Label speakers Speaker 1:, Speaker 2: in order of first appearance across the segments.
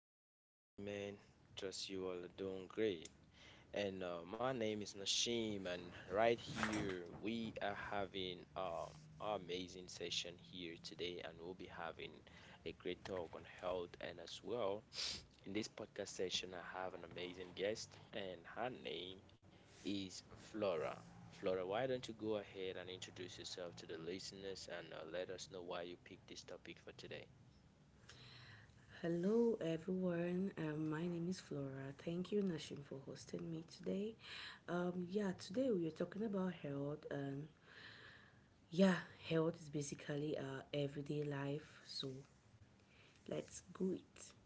Speaker 1: ladies and gentlemen. Trust you all are doing great. And My name is Nashim, and right here we are having an amazing session here today, and we'll be having a great talk on health. And as well, in this podcast session, I have an amazing guest, and her name is Flora. Flora, why don't you go ahead and introduce yourself to the listeners and let us know why you picked this topic for today?
Speaker 2: Hello, everyone. My name is Flora. Thank you, Nashim, for hosting me today. Yeah, Today we are talking about health, and yeah, health is basically our everyday life. So let's go it.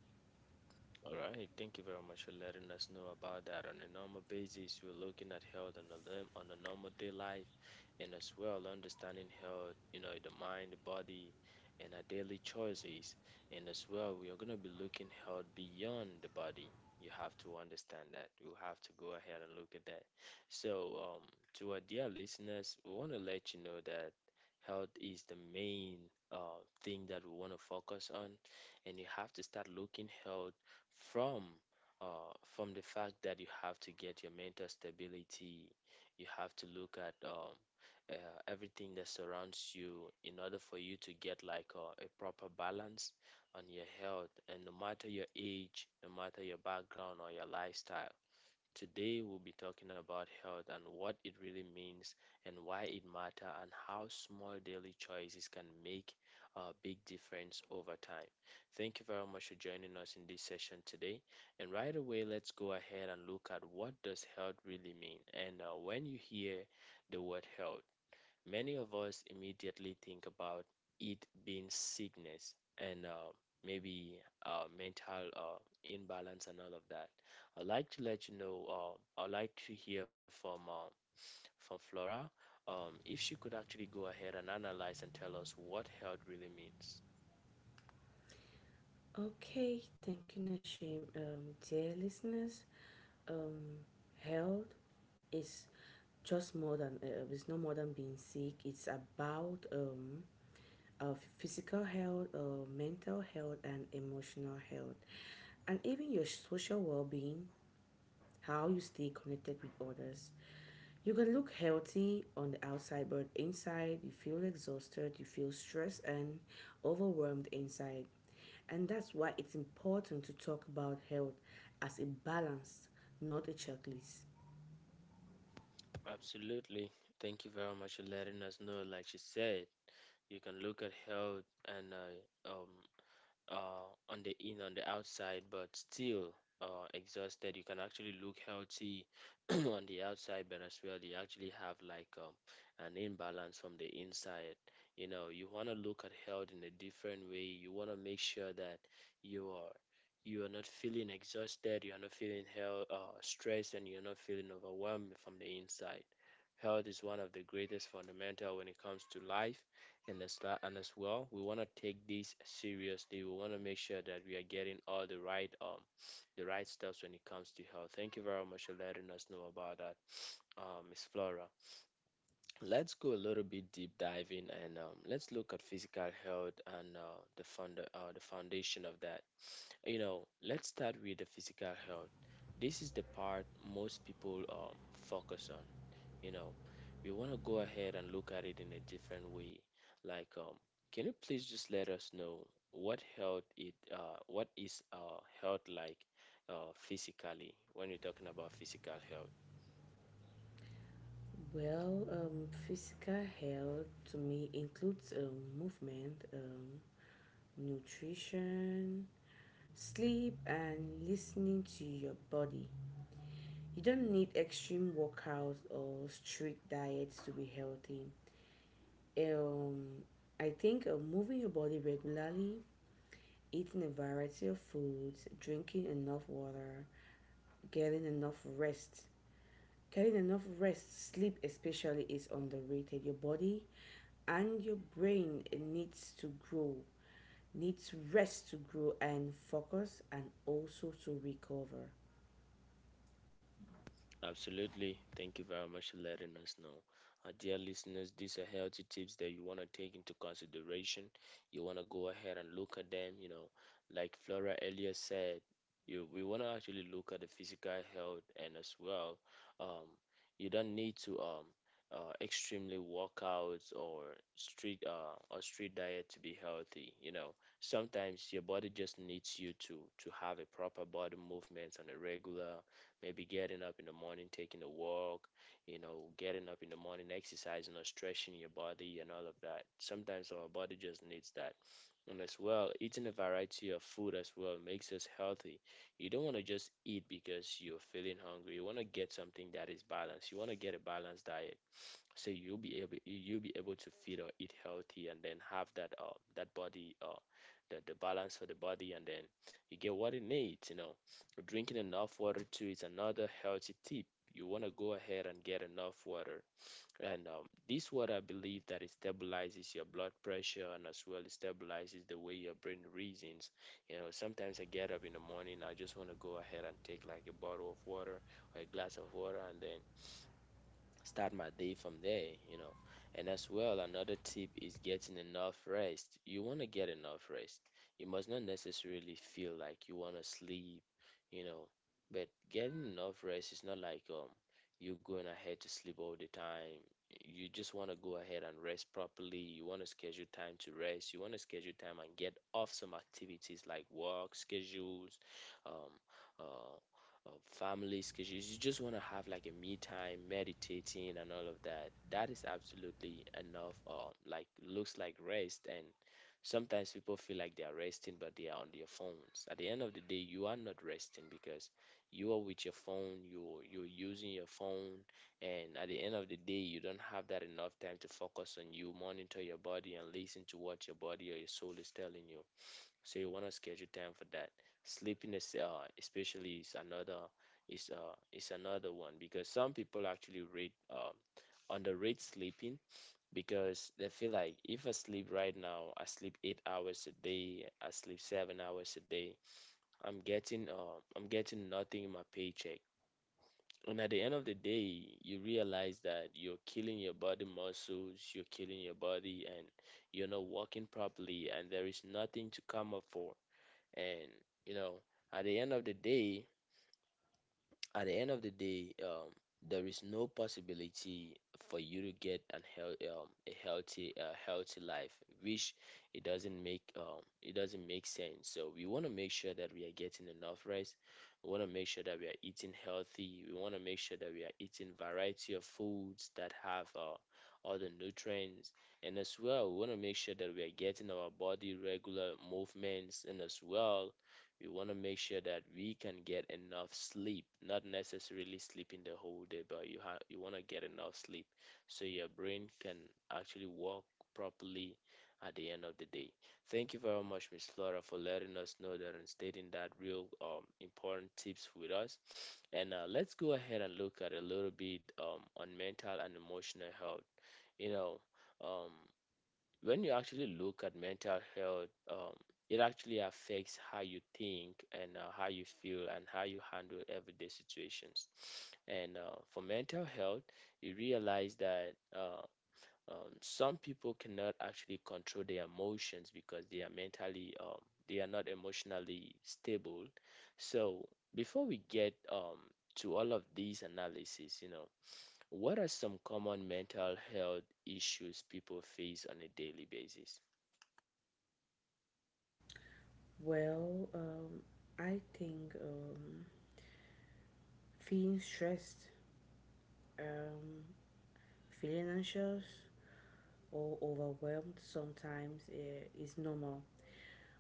Speaker 1: All right, thank you very much for letting us know about that. On a normal basis, we're looking at health on a on a normal day life, and as well understanding health, you know, the mind, the body, and our daily choices. And as well, we are gonna be looking health beyond the body. You have to understand that. You have to go ahead and look at that. So, um, to our dear listeners, we want to let you know that health is the main thing that we want to focus on and you have to start looking health from from the fact that you have to get your mental stability, you have to look at everything that surrounds you in order for you to get like a proper balance on your health. And no matter your age, no matter your background or your lifestyle, today we'll be talking about health and what it really means and why it matters and how small daily choices can make a big difference over time. Thank you very much for joining us in this session today. And right away let's go ahead and look at what does health really mean. And When you hear the word health, many of us immediately think about it being sickness and maybe mental imbalance and all of that. I'd like to let you know, I'd like to hear from Flora, if she could actually go ahead and analyze and tell us what health really means.
Speaker 2: Okay, thank you, Nashim. Dear listeners, um, health is just more than it's no more than being sick. It's about our physical health, mental health, and emotional health. And even your social well being, how you stay connected with others. You can look healthy on the outside, but inside you feel exhausted, you feel stressed and overwhelmed inside. And that's why it's important to talk about health as a balance, not a checklist.
Speaker 1: Absolutely. Thank you very much for letting us know. Like she said, you can look at health and on the in on the outside, but still exhausted. You can actually look healthy on the outside, but as well, you actually have like an imbalance from the inside. You know, you want to look at health in a different way. You want to make sure that you are you are not feeling exhausted, you are not feeling hell stressed, and you're not feeling overwhelmed from the inside. Health is one of the greatest fundamental when it comes to life and as well, we want to take this seriously. We want to make sure that we are getting all the right steps when it comes to health. Thank you very much for letting us know about that, Miss Flora. Let's go a little bit deep diving and let's look at physical health and the foundation of that. You know, let's start with the physical health. This is the part most people focus on. You know, we want to go ahead and look at it in a different way. like um can you please just let us know what health it what is health like physically, when we're talking about physical health?
Speaker 2: Physical health to me includes movement, nutrition, sleep, and listening to your body. You don't need extreme workouts or strict diets to be healthy. Um, I think moving your body regularly, eating a variety of foods, drinking enough water, getting enough rest. Getting enough rest, sleep especially, is underrated. Your body and your brain needs to grow, needs rest to grow and focus and also to recover.
Speaker 1: Absolutely. Thank you very much for letting us know. Dear listeners, these are healthy tips that you want to take into consideration. You want to go ahead and look at them. You know, like Flora earlier said, you we want to actually look at the physical health, and as well, um, you don't need to extremely workouts or street diet to be healthy. You know, sometimes your body just needs you to have a proper body movement on a regular, maybe getting up in the morning, taking a walk, you know, getting up in the morning, exercising or stretching your body and all of that. Sometimes our body just needs that. And as well, eating a variety of food as well makes us healthy. You don't want to just eat because you're feeling hungry. You want to get something that is balanced. You want to get a balanced diet so you'll be able to feed or eat healthy and then have that body the balance for the body, and then you get what it needs, you know. Drinking enough water too is another healthy tip. You want to go ahead and get enough water, and this water, I believe that it stabilizes your blood pressure, and as well it stabilizes the way your brain reasons. You know, sometimes I get up in the morning, I just want to go ahead and take like a bottle of water or a glass of water, and then start my day from there, you know. And as well, another tip is getting enough rest. You want to get enough rest. You must not necessarily feel like you want to sleep, you know. But getting enough rest is not like you going ahead to sleep all the time. You just want to go ahead and rest properly. You want to schedule time to rest. You want to schedule time and get off some activities like work schedules, um, uh, families, because you just want to have like a me time, meditating and all of that. That is absolutely enough. Or like looks like rest. And sometimes people feel like they are resting, but they are on their phones. At the end of the day, you are not resting because you are with your phone. You're using your phone, and at the end of the day you don't have that enough time to focus on you, monitor your body and listen to what your body or your soul is telling you. So you want to schedule time for that. Sleeping is especially is another one, because some people actually rate underrate sleeping, because they feel like if I sleep right now, I sleep 8 hours a day, I sleep 7 hours a day, I'm getting nothing in my paycheck, and at the end of the day you realize that you're killing your body muscles, you're killing your body, and you're not working properly and there is nothing to come up for. And you know, at the end of the day at the end of the day, there is no possibility for you to get an health, a healthy life, which it doesn't make, it doesn't make sense. So we want to make sure that we are getting enough rest, we want to make sure that we are eating healthy, we want to make sure that we are eating variety of foods that have all the nutrients, and as well we want to make sure that we are getting our body regular movements, and as well we want to make sure that we can get enough sleep, not necessarily sleeping the whole day, but you want to get enough sleep so your brain can actually work properly at the end of the day. Thank you very much, Miss Flora, for letting us know that and stating that real important tips with us. And let's go ahead and look at a little bit on mental and emotional health. You know, um, when you actually look at mental health, it actually affects how you think and how you feel and how you handle everyday situations. And for mental health, you realize that some people cannot actually control their emotions because they are they are not emotionally stable. So before we get to all of these analysis, you know, what are some common mental health issues people face on a daily basis?
Speaker 2: Well, um, I think feeling stressed, um, feeling anxious or overwhelmed sometimes is normal.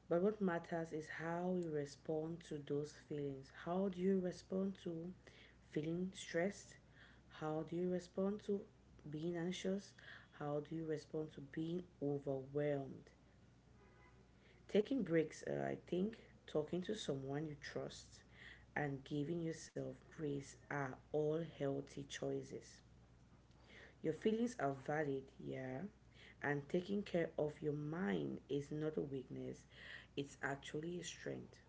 Speaker 2: But what matters is how you respond to those feelings. How do you respond to feeling stressed? How do you respond to being anxious? How do you respond to being overwhelmed? Taking breaks, I think, talking to someone you trust, and giving yourself grace are all healthy choices. Your feelings are valid, yeah. And taking care of your mind is not a weakness, it's actually a strength.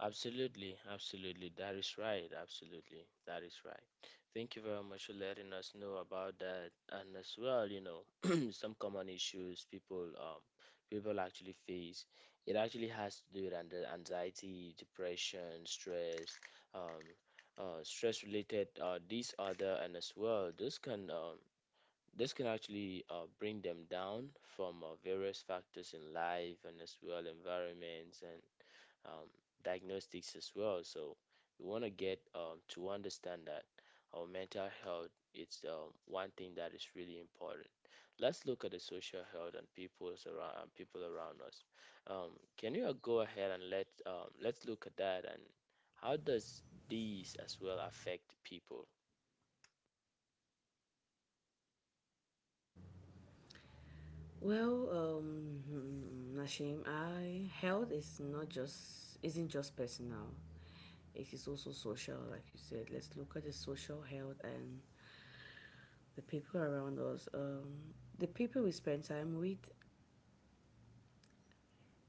Speaker 1: Absolutely, absolutely. That is right. Absolutely, that is right. Thank you very much for letting us know about that, and as well, you know, some common issues people actually face. It actually has to do with anxiety, depression, stress, um, stress-related disorder, and as well, this can actually bring them down from various factors in life, and as well environments, and um, diagnostics as well. So we want to get to understand that our mental health is, one thing that is really important. Let's look at the social health and people around us. Can you go ahead and let's look at that, and how does these as well affect people?
Speaker 2: Nashim, I health is not just isn't just personal. It is also social, like you said. Let's look at the social health and the people around us. The people we spend time with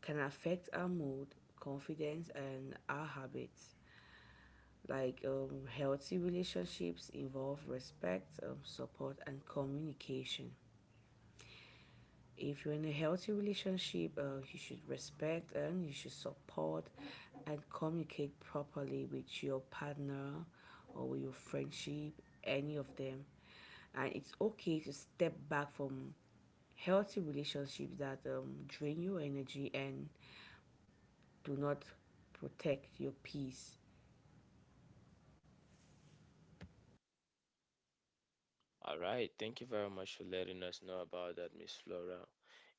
Speaker 2: can affect our mood, confidence, and our habits. Healthy relationships involve respect, support and communication. If you're in a healthy relationship, you should respect and you should support and communicate properly with your partner or with your friendship, any of them. And it's okay to step back from healthy relationships that drain your energy and do not protect your peace.
Speaker 1: All right, thank you very much for letting us know about that, Miss Flora.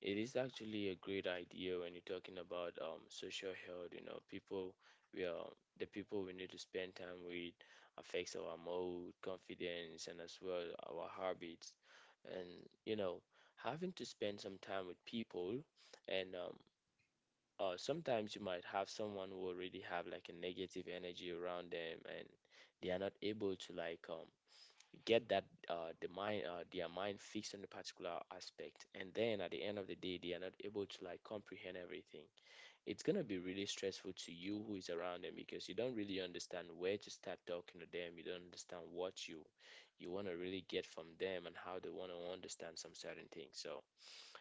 Speaker 1: It is actually a great idea when you're talking about social health. You know, people we are the people we need to spend time with affects our mood, confidence, and as well our habits. And you know, having to spend some time with people, and sometimes you might have someone who already have like a negative energy around them, and they are not able to get that their mind fixed on a particular aspect, and then at the end of the day they are not able to like comprehend everything. It's going to be really stressful to you who is around them because you don't really understand where to start talking to them, you don't understand what you want to really get from them and how they want to understand some certain things. So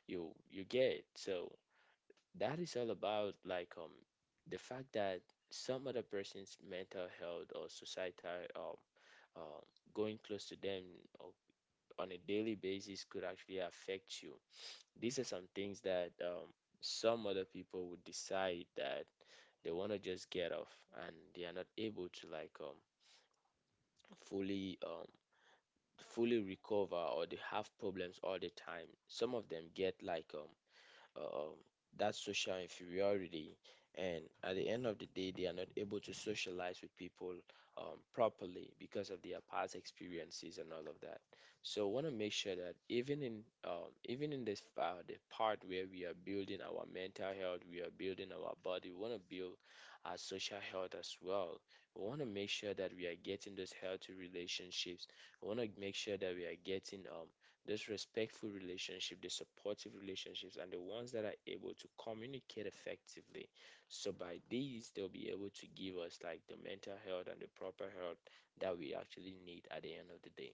Speaker 1: you get it. So that is all about the fact that some other person's mental health or societal um going close to them or on a daily basis could actually affect you. These are some things that some other people would decide that they want to just get off, and they are not able to fully um, fully recover, or they have problems all the time. Some of them get um, that social inferiority. And at the end of the day, they are not able to socialize with people properly because of their past experiences and all of that. So, want to make sure that even in even in this the part where we are building our mental health, we are building our body. We want to build our social health as well. We want to make sure that we are getting those healthy relationships. We want to make sure that we are getting these respectful relationship, the supportive relationships, and the ones that are able to communicate effectively. So by these, they'll be able to give us like the mental health and the proper health that we actually need at the end of the day.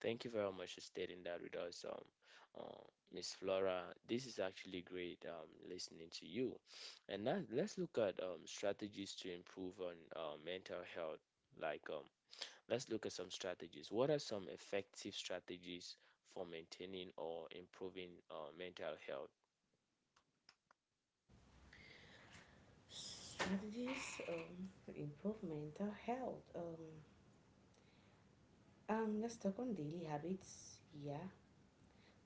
Speaker 1: Thank you very much for stating that with us, uh, Miss Flora. This is actually great listening to you. And now let's look at strategies to improve on mental health, like um, let's look at some strategies. What are some effective strategies for maintaining or improving our mental health?
Speaker 2: Strategies to improve mental health. Let's talk on daily habits. Yeah,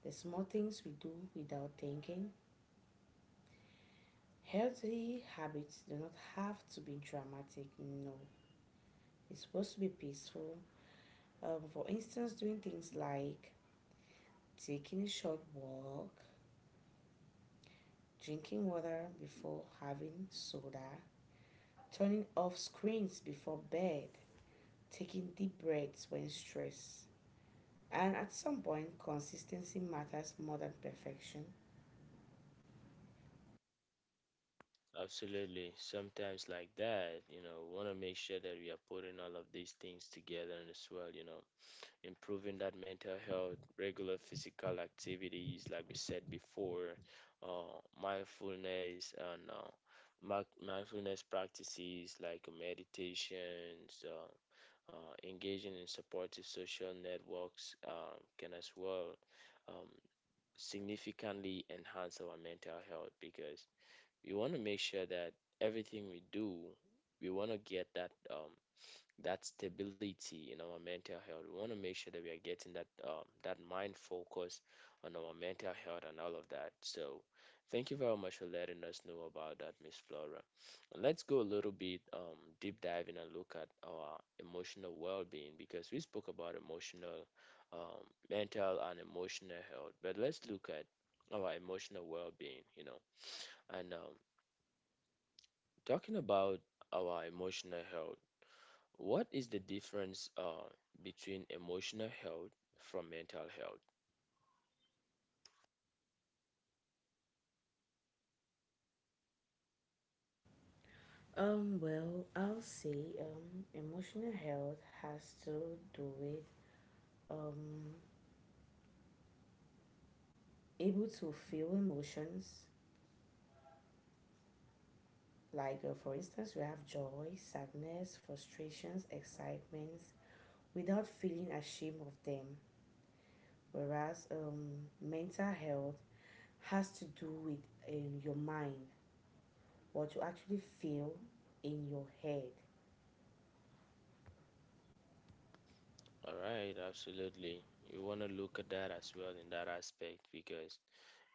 Speaker 2: the small things we do without thinking. Healthy habits do not have to be dramatic. No, it's supposed to be peaceful. For instance, doing things like taking a short walk, drinking water before having soda, turning off screens before bed, taking deep breaths when stressed. And at some point, consistency matters more than perfection.
Speaker 1: Absolutely. Sometimes like that, you know, we want to make sure that we are putting all of these things together as well, you know, improving that mental health, regular physical activities, like we said before, mindfulness and mindfulness practices like meditations, engaging in supportive social networks can as well um, significantly enhance our mental health, because we want to make sure that everything we do, we want to get that that stability in our mental health. We want to make sure that we are getting that that mind focus on our mental health and all of that. So, thank you very much for letting us know about that, Miss Flora. Let's go a little bit deep diving and look at our emotional well-being, because we spoke about um, mental, and emotional health. But let's look at our emotional well-being. You know, and talking about our emotional health, what is the difference between emotional health from mental health?
Speaker 2: Well, I'll say emotional health has to do with um, able to feel emotions. Like, for instance, we have joy, sadness, frustrations, excitements without feeling ashamed of them. Whereas mental health has to do with your mind, what you actually feel in your head.
Speaker 1: All right, absolutely. We want to look at that as well in that aspect, because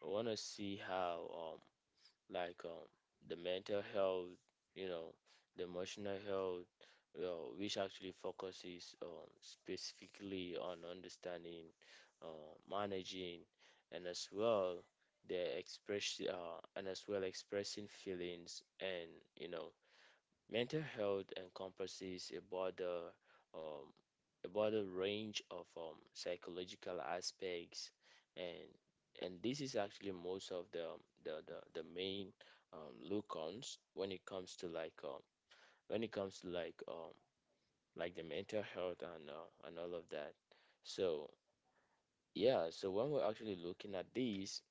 Speaker 1: we want to see how, like, um, the mental health, you know, the emotional health, well, which actually focuses specifically on understanding, managing, and as well and as well expressing feelings. And you know, mental health encompasses um, a broader range of psychological aspects, and and this is actually most of the the main look-ons when it comes to when it comes to like um, like the mental health and and all of that. So yeah, so when we're actually looking at these,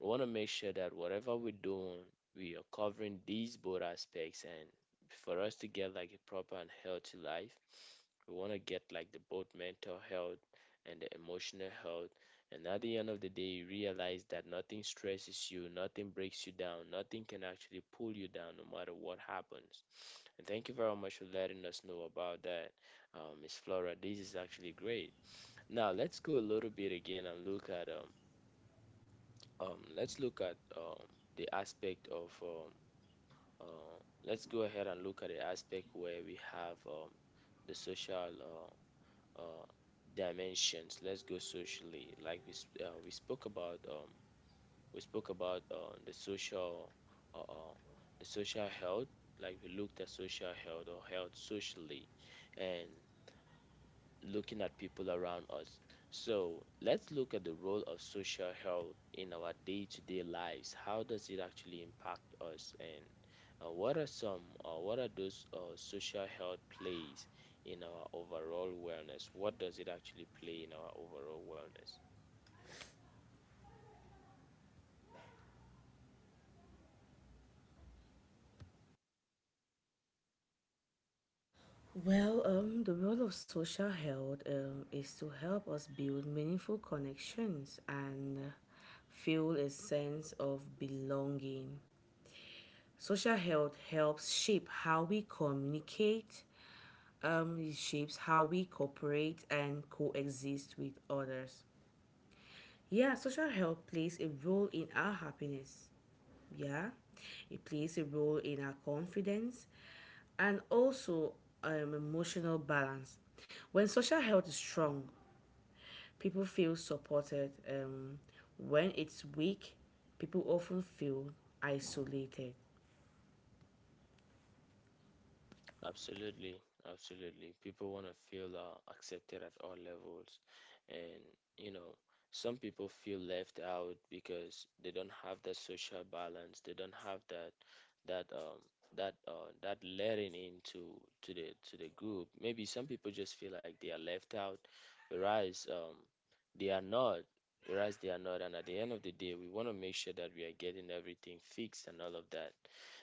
Speaker 1: we want to make sure that whatever we're doing, we are covering these both aspects. And for us to get like a proper and healthy life, we want to get like the both mental health and the emotional health. And at the end of the day, you realize that nothing stresses you, nothing breaks you down, nothing can actually pull you down no matter what happens. And thank you very much for letting us know about that, Miss Flora. This is actually great. Now let's go a little bit again and look at um let's look at um the aspect of uh, let's go ahead and look at the aspect where we have the social uh, uh dimensions. Let's go socially like we spoke about uh, uh the social health, like we looked at social health or health socially, and looking at people around us. So let's look at the role of social health in our day to day lives. How does it actually impact us? And what are those social health plays in our overall wellness? What does it actually play in our overall wellness?
Speaker 2: The role of social health is to help us build meaningful connections and feel a sense of belonging. Social health helps shape how we communicate, it shapes how we cooperate and coexist with others. Yeah, social health plays a role in our happiness. Yeah, it plays a role in our confidence and also emotional balance. When social health is strong, people feel supported. When it's weak, people often feel isolated.
Speaker 1: Absolutely, absolutely. People want to feel accepted at all levels. And, you know, some people feel left out because they don't have that social balance. They don't have that um that letting into to the group. Maybe some people just feel like they are left out, whereas they are not. Whereas they are not. And at the end of the day, we want to make sure that we are getting everything fixed and all of that.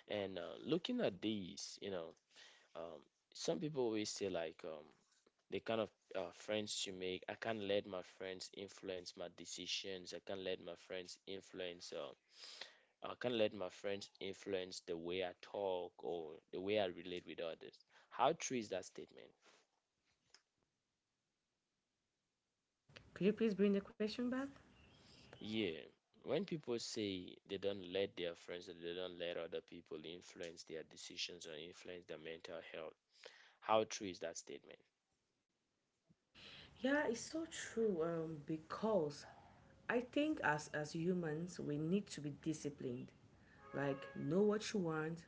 Speaker 1: And looking at these, you know, um, some people always say the kind of friends you make. I can't let my friends influence my decisions. I can't let my friends influence. I can't let my friends influence the way I talk or the way I relate with others. How true is that statement?
Speaker 2: Could you please bring the question back?
Speaker 1: Yeah, when people say they don't let their friends or they don't let other people influence their decisions or influence their mental health, how true is that statement?
Speaker 2: Yeah, it's so true because I think as humans, we need to be disciplined. Like, know what you want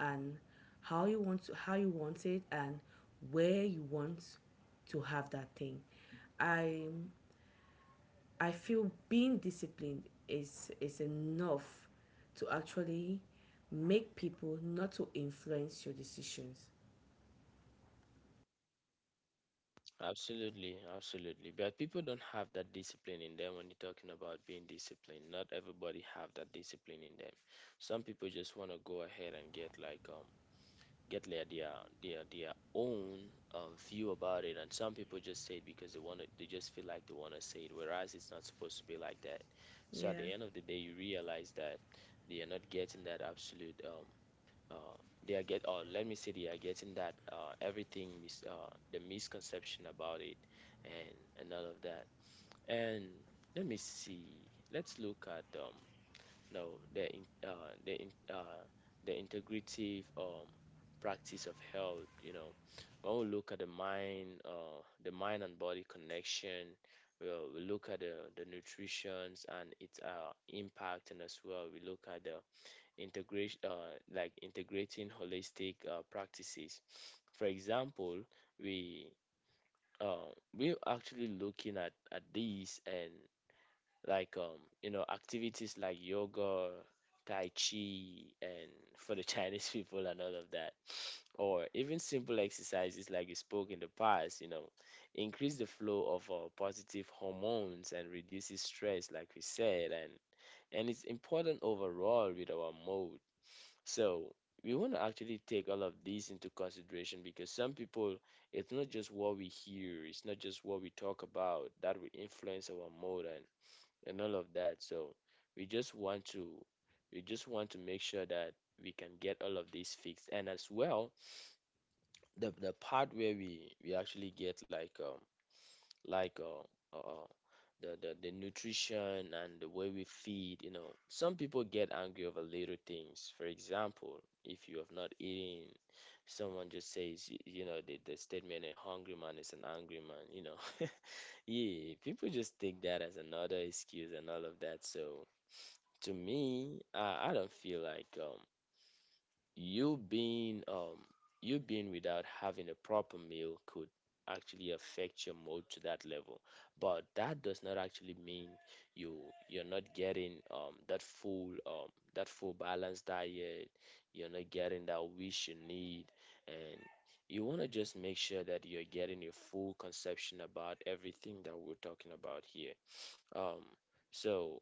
Speaker 2: and how you want it and where you want to have that thing. I I feel being disciplined is enough to actually make people not to influence your decisions.
Speaker 1: Absolutely, absolutely. But people don't have that discipline in them. When you're talking about being disciplined, not everybody have that discipline in them. Some people just want to go ahead and get get their own view about it, and some people just say it because they want to. They just feel like they want to say it, whereas it's not supposed to be like that. So at the
Speaker 2: Yeah.
Speaker 1: end of the day, you realize that they are not getting that absolute uh, they are get, or let me say, they are getting that the misconception about it and and all of that. And let me see, let's look at no the in, the in, the integrative practice of health, you know, when we look at the mind and body connection, we look at the nutrition and its impact, and as well we look at the integration, like integrating holistic practices for example. we uh, we're actually looking at these, and like um you know, activities like yoga, tai chi, and for the Chinese people and all of that. Or even simple exercises, like you spoke in the past, you know, increase the flow of positive hormones and reduces stress, like we said, and it's important overall with our mood. So we want to actually take all of these into consideration, because some people, it's not just what we hear, it's not just what we talk about that will influence our mood and all of that. So we just want to, we just want to make sure that we can get all of these fixed. And as well, the part where we actually get like the nutrition and the way we feed, you know, some people get angry over little things. For example, if you have not eaten someone just says the statement a hungry man is an angry man yeah, people just take that as another excuse and all of that, so to me I don't feel like you being um you being without having a proper meal could actually affect your mood to that level, but that does not actually mean you you're not getting that full balanced diet, you're not getting that wish you need, and you want to just make sure that you're getting a full conception about everything that we're talking about here. um so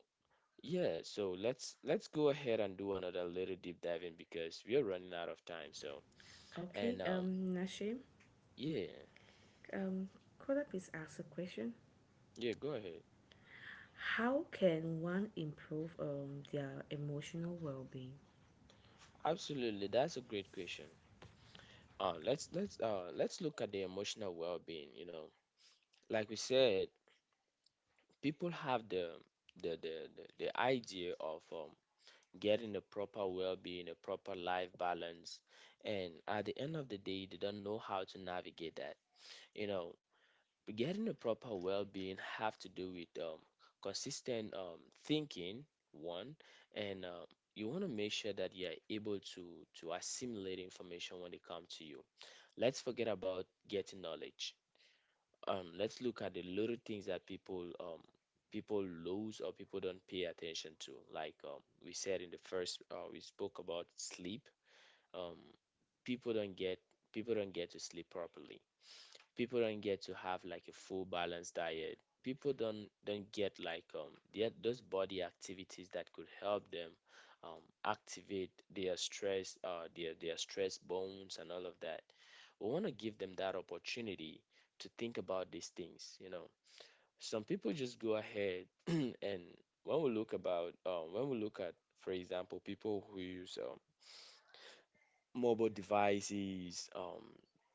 Speaker 1: yeah, so let's go ahead and do another little deep diving because we are running out of time. So,
Speaker 2: Okay.
Speaker 1: and
Speaker 2: Nashim,
Speaker 1: yeah,
Speaker 2: um, could I please ask a question?
Speaker 1: yeah, go ahead.
Speaker 2: How can one improve their emotional well-being?
Speaker 1: Absolutely, that's a great question. Let's let's look at the emotional well-being. You know, like we said, people have the idea of getting the proper well-being, a proper life balance, and at the end of the day, they don't know how to navigate that. You know, getting a proper well-being have to do with consistent thinking, one, and you want to make sure that you're able to assimilate information when it comes to you. Let's forget about getting knowledge. Let's look at the little things that people people lose or people don't pay attention to. Like we said in the first, we spoke about sleep. Um, people don't get people don't get to sleep properly, people don't get to have like a full balanced diet. People don't get like those body activities that could help them activate their stress their stress bones and all of that. We want to give them that opportunity to think about these things, you know. Some people just go ahead and when we look at, for example, people who use mobile devices,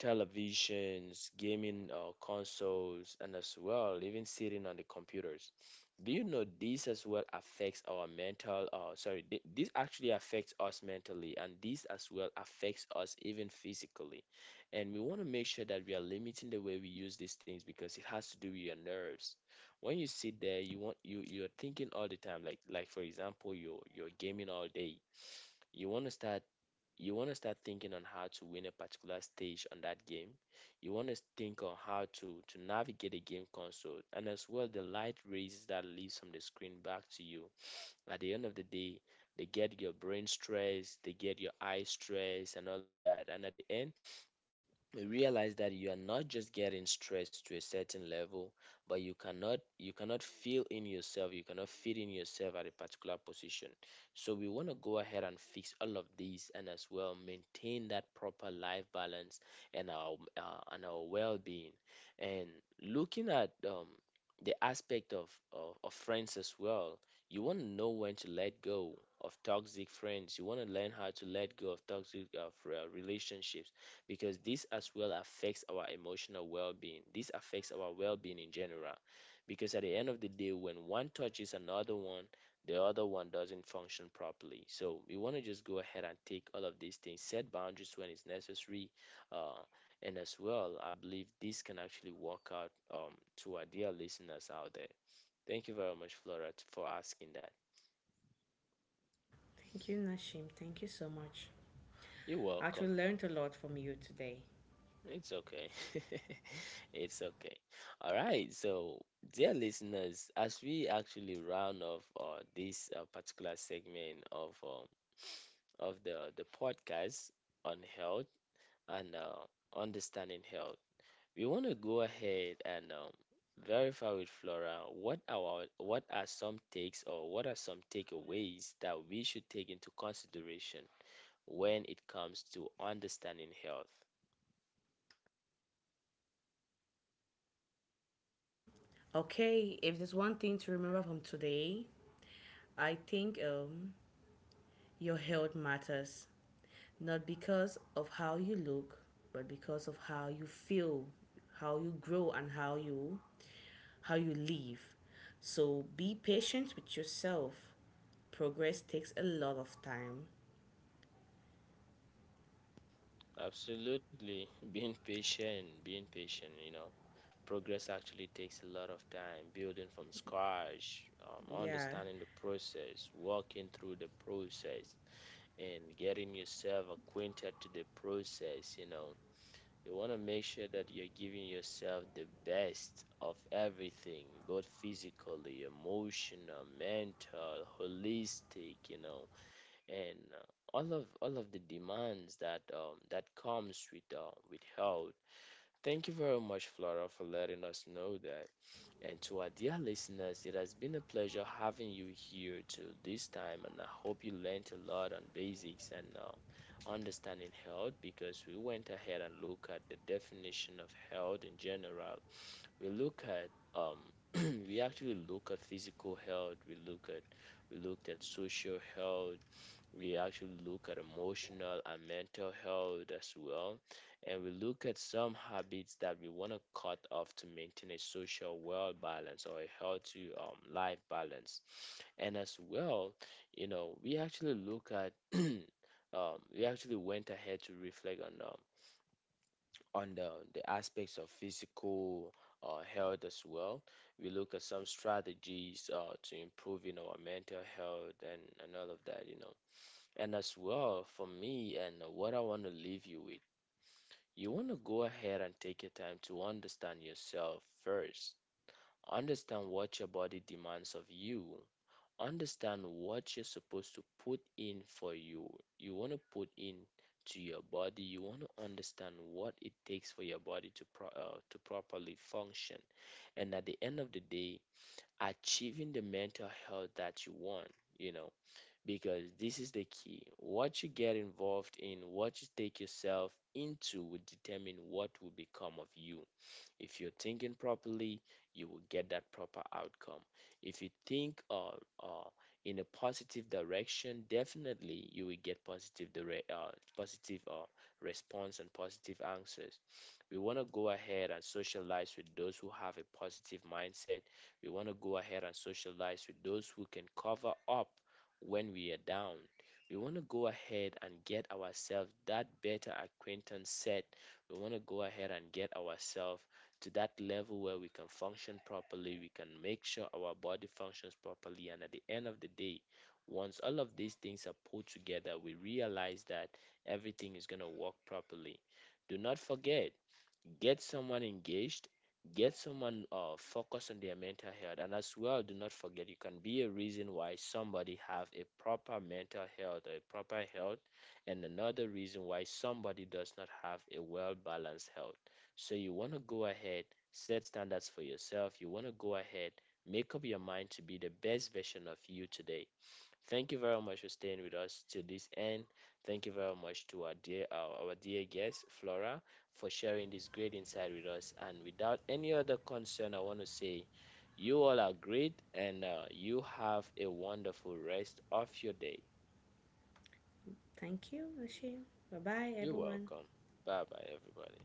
Speaker 1: televisions, gaming consoles, and as well, even sitting on the computers. Do you know this as well affects our mental? Sorry, this actually affects us mentally, and this as well affects us even physically. And we want to make sure that we are limiting the way we use these things because it has to do with your nerves. When you sit there, you want you you're thinking all the time. Like for example, you're gaming all day. You want to start you want to start thinking on how to win a particular stage on that game. You want to think on how to navigate a game console, and as well the light rays that leaves from the screen back to you. At the end of the day, they get your brain stress, they get your eye stress, and all of that. And at the end, realize that you are not just getting stressed to a certain level, but you cannot feel in yourself, you cannot fit in yourself at a particular position. So we want to go ahead and fix all of these, and as well maintain that proper life balance and our well-being, and looking at the aspect of friends as well. You want to know when to let go of toxic friends, you want to learn how to let go of toxic relationships because this as well affects our emotional well-being. This affects our well-being in general because at the end of the day when one touches another one, the other one doesn't function properly. So we want to just go ahead and take all of these things, set boundaries when it's necessary, uh, and as well, I believe this can actually work out, to our dear listeners out there. Thank you very much, Flora, for asking that.
Speaker 2: Thank you, Nashim. Thank you so much.
Speaker 1: You're
Speaker 2: I actually
Speaker 1: welcome.
Speaker 2: learned a lot from you today.
Speaker 1: It's okay. It's okay. All right. So, dear listeners, as we actually round off this particular segment of the podcast on health and understanding health, we want to go ahead and verify with Flora what are some takes or what are some takeaways that we should take into consideration when it comes to understanding health.
Speaker 2: Okay. If there's one thing to remember from today, I think your health matters. Not because of how you look, but because of how you feel, how you grow and how you live. So be patient with yourself. Progress takes a lot of time.
Speaker 1: Absolutely. Being patient, you know. Progress actually takes a lot of time, building from scratch,
Speaker 2: Yeah.
Speaker 1: understanding the process, walking through the process, and getting yourself acquainted to the process, you know. You want to make sure that you're giving yourself the best of everything, both physically, emotional, mental, holistic, you know, and all of the demands that that comes with health. Thank you very much, Flora, for letting us know that. And to our dear listeners, it has been a pleasure having you here till this time, and I hope you learned a lot on basics and understanding health because we went ahead and looked at the definition of health in general. We look at um, we actually look at physical health. We look at, we looked at social health, we actually look at emotional and mental health as well. And we look at some habits that we want to cut off to maintain a social well balance or a healthy life balance. And as well, you know, we actually look at we actually went ahead to reflect on the aspects of physical health as well. We look at some strategies to improving our mental health and all of that, you know. And as well, for me, and what I want to leave you with, you want to go ahead and take your time to understand yourself first. Understand what your body demands of you. Understand what you're supposed to put in for you. You want to put in to your body. You want to understand what it takes for your body to to properly function. And at the end of the day, achieving the mental health that you want. You know, because this is the key. What you get involved in, what you take yourself into, will determine what will become of you. If you're thinking properly, you will get that proper outcome. If you think uh, in a positive direction, definitely you will get positive response and positive answers. We want to go ahead and socialize with those who have a positive mindset. We want to go ahead and socialize with those who can cover up when we are down. We want to go ahead and get ourselves that better acquaintance set. We want to go ahead and get ourselves to that level where we can function properly, we can make sure our body functions properly. And at the end of the day, once all of these things are put together, we realize that everything is going to work properly. Do not forget, get someone engaged, get someone focused on their mental health, and as well do not forget you can be a reason why somebody have a proper mental health or a proper health, and another reason why somebody does not have a well balanced health. So you want to go ahead, set standards for yourself, you want to go ahead, make up your mind to be the best version of you today. Thank you very much for staying with us to this end. Thank you very much to our dear our dear guest Flora for sharing this great insight with us. And without any other concern, I want to say you all are great and you have a wonderful rest of your day.
Speaker 2: Thank you, Ashim. Bye bye
Speaker 1: You're
Speaker 2: everyone.
Speaker 1: welcome. Bye bye everybody.